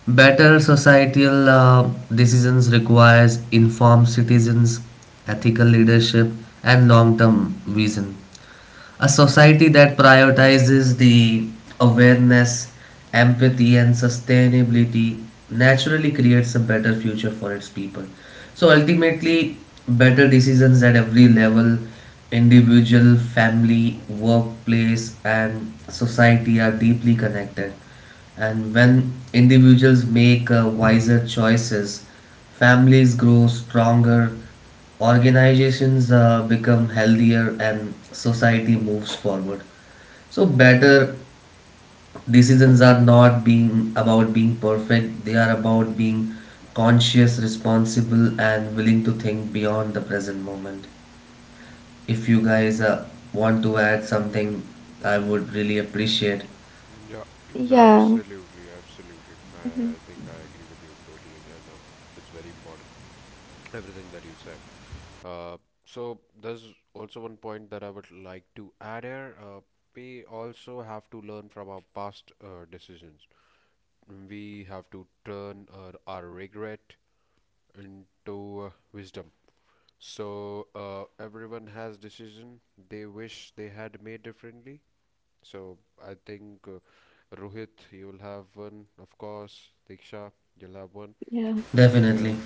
S1: Better societal decisions requires informed citizens, ethical leadership, and long-term vision. A society that prioritizes the awareness, empathy, and sustainability naturally creates a better future for its people. So ultimately, better decisions at every level, individual, family, workplace, and society are deeply connected, and when individuals make wiser choices, families grow stronger, organizations become healthier, and society moves forward. So, better decisions are not being about being perfect, they are about being conscious, responsible, and willing to think beyond the present moment. If you guys want to add something, I would really appreciate.
S2: decisions. Yeah,
S3: Yeah.
S2: absolutely, absolutely.
S3: Hmm.
S2: I think I agree with you totally, and it's very important, everything that you said. Uh, so there's also one point that I would like to add here. We also have to learn from our past decisions. We have to turn our regret into wisdom. So everyone has decision they wish they had made differently. So I think Rohit, you'll have one, of course. Diksha, you'll have one.
S3: Yeah.
S2: Yeah,
S1: Definitely.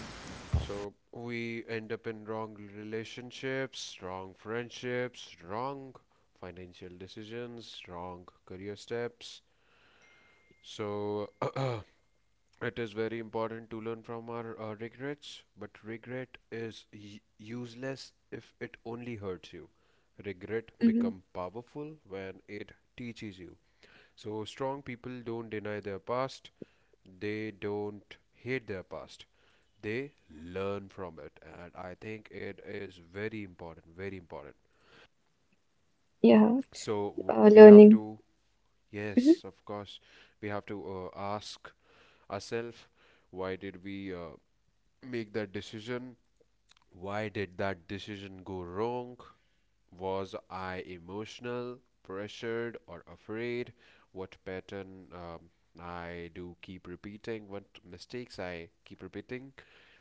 S2: so we end up in wrong relationships, wrong friendships, wrong financial decisions, wrong career steps. So it is very important to learn from our regrets, but regret is useless if it only hurts you. Regret
S3: Hmm.
S2: become powerful when it teaches you. So strong people don't deny their past, they don't hate their past. They learn from it. And I think it is very important, very important.
S3: Yeah.
S2: So we have
S3: Learning.
S2: to,
S3: Mhm.
S2: yes, of course, we have to ask ourselves, why did we make that decision? Why did that decision go wrong? Was I emotional, pressured, or afraid? What pattern I do keep repeating? What mistakes I keep repeating?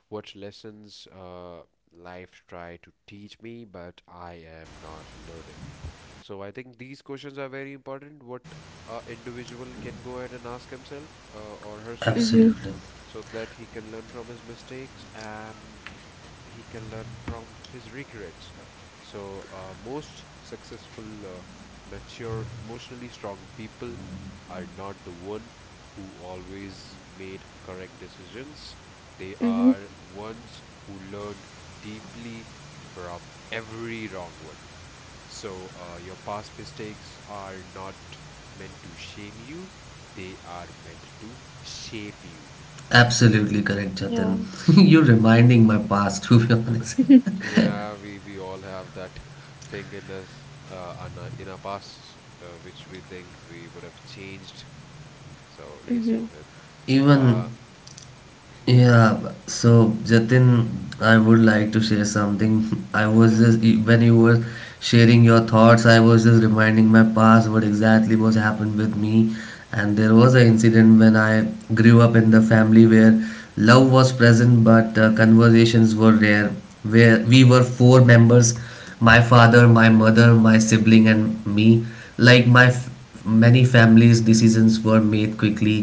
S2: What lessons life try to teach me, but I am not learning. So I think these questions are very important. What a individual can go ahead and ask himself or herself
S3: Mhm.
S1: Absolutely.
S2: so that he can learn from his mistakes and he can learn from his regrets. So, most successful, mature, emotionally strong people are not the one who always made correct decisions. They
S3: Mhm.
S2: are ones who learned deeply from every wrong one. So, your past mistakes are not meant to shame you, they are meant to shape you.
S1: Absolutely correct,
S3: Yeah.
S1: Jatin. You're reminding my past, to be honest.
S2: Yeah, we all have that thing in us, on our, in our past, which we think we would have changed. So yes,
S3: Mhm.
S2: Rohit.
S1: Even
S2: Uh, mm,
S1: yeah, so Jatin, I would
S2: mhm,
S1: like to share something. I was
S2: yeah.
S1: just when you were sharing your thoughts, I was just reminding my past what exactly was happened with me, and there was
S2: Mhm,
S1: an incident when I grew up in the family where
S2: mhm,
S1: love was present but conversations were rare. Where we were four members, my
S2: mhm,
S1: father, my mother, my sibling, and me. Like
S2: mhm,
S1: my f- Many families, decisions were made quickly,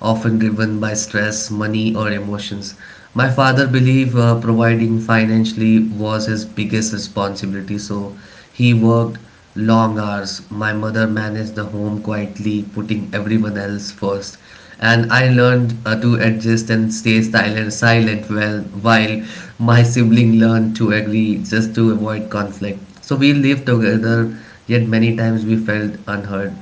S1: often driven by stress, money, or emotions. My father believed providing financially was his biggest responsibility, so he worked long hours. My mother managed the home quietly, putting everyone else first. And I learned to adjust and stay silent, silent well, while my sibling learned to agree just to avoid conflict. So we lived together, yet many times we felt unheard.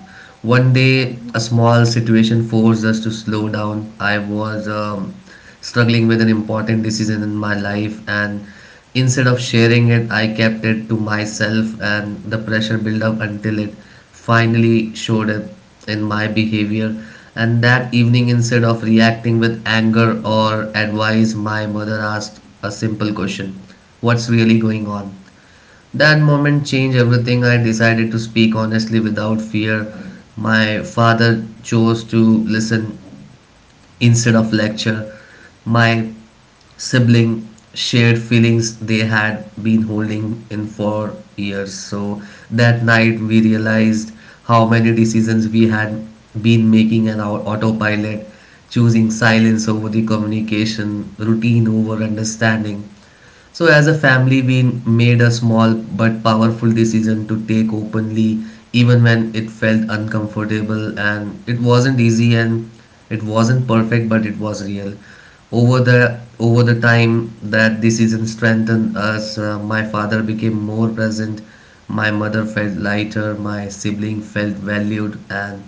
S1: One day,
S3: Mhm.
S1: a small situation forced us to slow down. I was struggling with an important decision in my life, and instead of sharing it, I kept it to myself, and the pressure built up until it finally showed up in my behavior. And that evening, instead of reacting with anger or advice, my mother asked a simple question: what's really going on? That moment changed everything. I decided to speak honestly without fear. My father chose to listen instead of lecture. My sibling shared feelings they had been holding in for years. So that night we realized how many decisions we had been making on our autopilot, choosing silence over the communication, routine over understanding. So, as a family, we made a small but powerful decision to take openly, even when it felt uncomfortable, and it wasn't easy and it wasn't perfect, but it was real. Over the time that decision strengthened us, my father became more present, my mother felt lighter, my sibling felt valued, and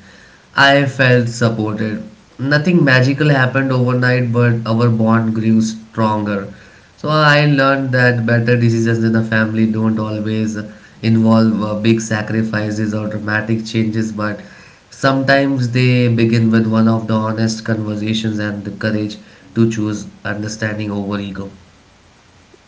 S1: I felt supported. Nothing magical happened overnight, but our bond grew stronger. So I learned that better decisions in a family don't always involve big sacrifices or dramatic changes, but sometimes they begin with one of the honest conversations and the courage to choose understanding over ego.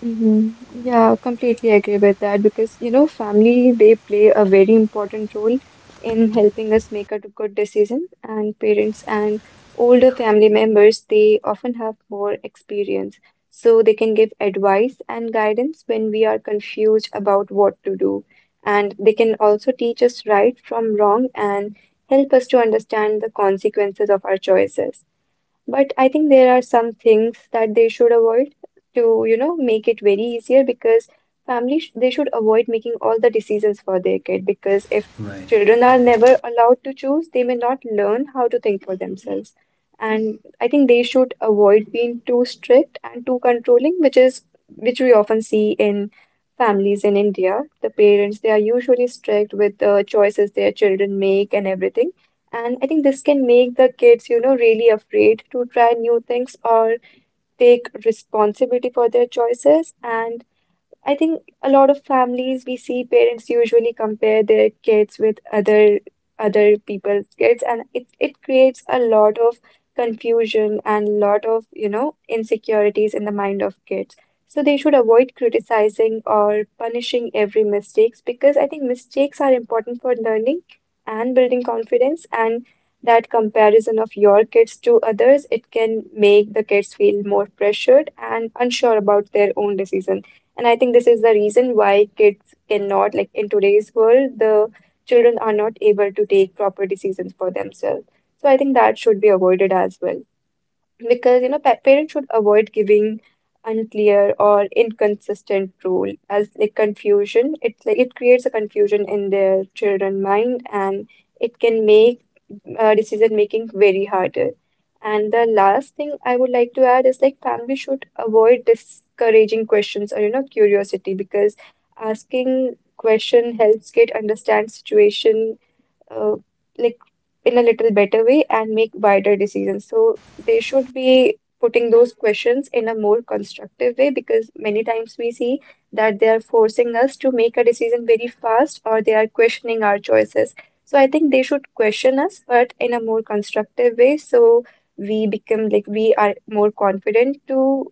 S3: Mhm. Yeah,
S2: yeah.
S3: completely agree with that because, you know, family, they play a very important role in helping us make a good decision, and parents and older family members, they often have more experience, so they can give advice and guidance when we are confused about what to do, and they can also teach us right from wrong and help us to understand the consequences of our choices. But I think there are some things that they should avoid to, you know, make it very easier because family sh they should avoid making all the decisions for their kid, because if
S1: Right,
S3: children are never allowed to choose, they may not learn how to think for themselves. And I think they should avoid being too strict and too controlling, which is which we often see in families in India. The parents, they are usually strict with the choices their children make and everything. And I think this can make the kids, you know, really afraid to try new things or take responsibility for their choices. And I think a lot of families, we see parents usually compare their kids with other people's kids and it creates a lot of confusion and lot of, you know, insecurities in the mind of kids. So they should avoid criticizing or punishing every mistakes, because I think mistakes are important for learning and building confidence, and that comparison of your kids to others, it can make the kids feel more pressured and unsure about their own decision. And I think this is the reason why kids cannot, like, in today's world, the children are not able to take proper decisions for themselves. So I think that should be avoided as well, because you know pa parents should avoid giving unclear or inconsistent rule as like confusion. It's like it creates a confusion in their children mind, and it can make decision making very harder. And the last thing I would like to add is, like, family should avoid discouraging questions or, you know, curiosity, because asking question helps kid understand situation uh, like in a little better way and make wider decisions. So they should be putting those questions in a more constructive way, because many times we see that they are forcing us to make a decision very fast, or they are questioning our choices. So I think they should question us, but in a more constructive way. So we become, like, we are more confident to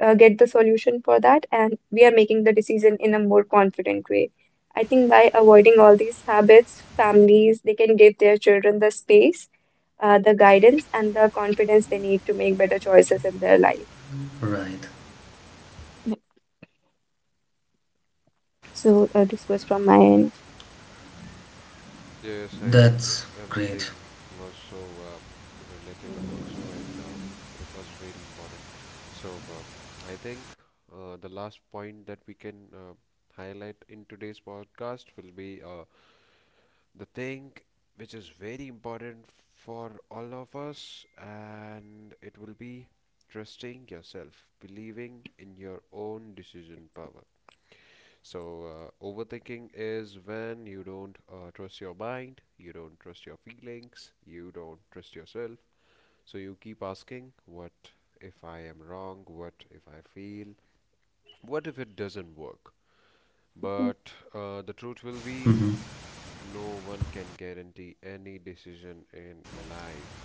S3: get the solution for that, and we are making the decision in a more confident way. I think by avoiding all these habits, families, they can give their children the space, the guidance and the confidence they need to make better choices in their life.
S1: right.
S3: Yeah. So this was from my end.
S2: Yes, I think
S1: That's great.
S2: everything was so relatable also, and it was very important. So I think the last point that we can highlight in today's podcast will be the thing which is very important for all of us, and it will be trusting yourself, believing in your own decision power. So overthinking is when you don't trust your mind, you don't trust your feelings, you don't trust yourself. So you keep asking, what if I am wrong, what if I feel, what if it doesn't work?
S3: Mm.
S2: But the truth will be,
S1: Mhm.
S2: no one can guarantee any decision in life.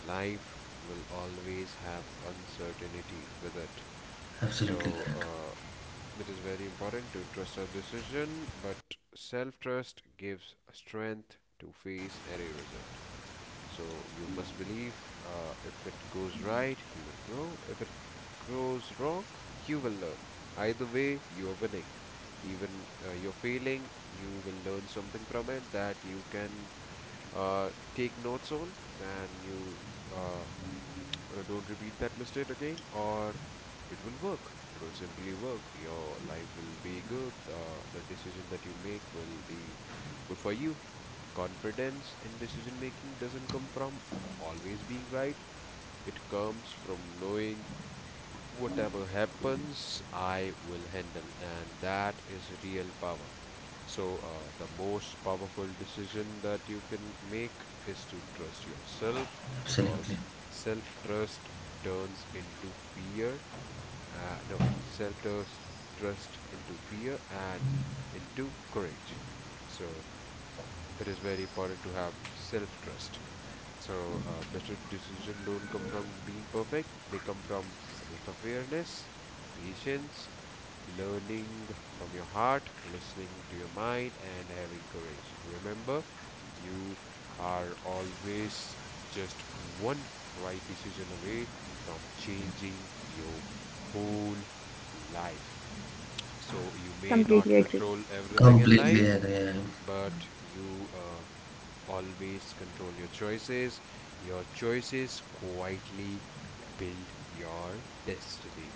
S2: Life will always have uncertainty with it. So
S1: Absolutely correct.
S2: it is very important to trust our decision, but self trust gives strength to face any result. So you must believe, if it goes right, you will grow. If it goes wrong, you will learn. Either way, you are winning. Even you're failing, you will learn something from it that you can uh, take notes on and you uh, don't repeat that mistake again, or it will work, it will simply work, your life will be good, the decision that you make will be good for you. Confidence in decision making doesn't come from always being right, it comes from knowing whatever happens, I will handle, and that is real power. So, the most powerful decision that you can make is to trust yourself,
S1: Absolutely.
S2: because self trust turns into fear. No, self trust into fear and into courage. So, it is very important to have self trust. So, better decision don't come from being perfect. They come from self-awareness, patience, learning from your heart, listening to your mind, and having courage. Remember, you are always just one right decision away from changing your whole life. So, you may not
S3: Completely agree.
S2: control everything in
S1: Completely
S2: life,
S1: agree.
S2: but you always control your choices. Your choices quietly build your destiny.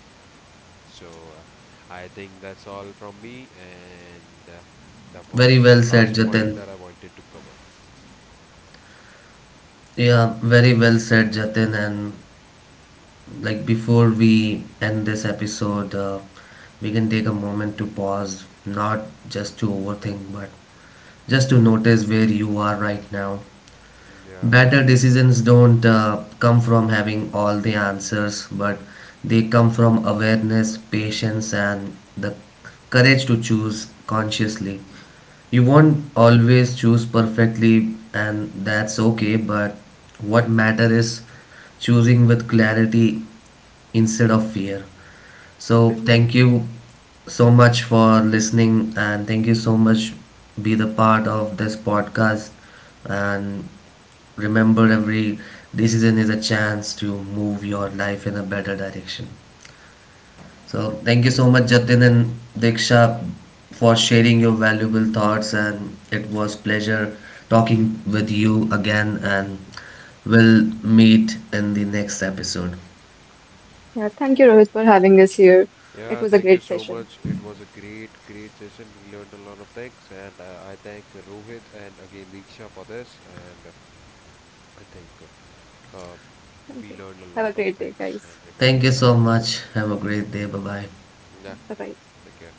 S2: So I think that's all from me, and that
S1: Very
S2: was
S1: well
S2: the
S1: said,
S2: last point
S1: Jatin.
S2: that I wanted to cover.
S1: Yeah, very well said, Jatin. And like before we end this episode, we can take a moment to pause, not just to overthink, but just to notice where you are right now.
S2: Yeah.
S1: Better decisions don't come from having all the answers, but they come from awareness, patience, and the courage to choose consciously. You won't always choose perfectly, and that's okay, but what matter is choosing with clarity instead of fear. So,
S3: Mhm.
S1: thank you so much for listening, and thank you so much be the part of this podcast and remember, every decision is a chance to move your life in a better direction. So thank you so much, Jatin and Diksha, for sharing your valuable thoughts, and it was pleasure talking with you again. And we'll meet in the next episode.
S3: Yeah, thank you, Rohit, for having us here. It
S2: Yeah,
S3: was a
S2: thank you
S3: great
S2: so
S3: session.
S2: much. It was a great, great session. We learned a lot of things, and I thank Rohit and again Diksha for this. And I think uh,
S3: Thank
S2: we
S3: you.
S2: learned a
S3: Have a
S2: lot of
S3: great day,
S2: things
S3: guys.
S2: and
S1: Thank you
S2: reminded
S1: so
S2: ourselves.
S1: much. Have a great day. Bye bye.
S2: Yeah,
S3: Bye bye.
S2: take care.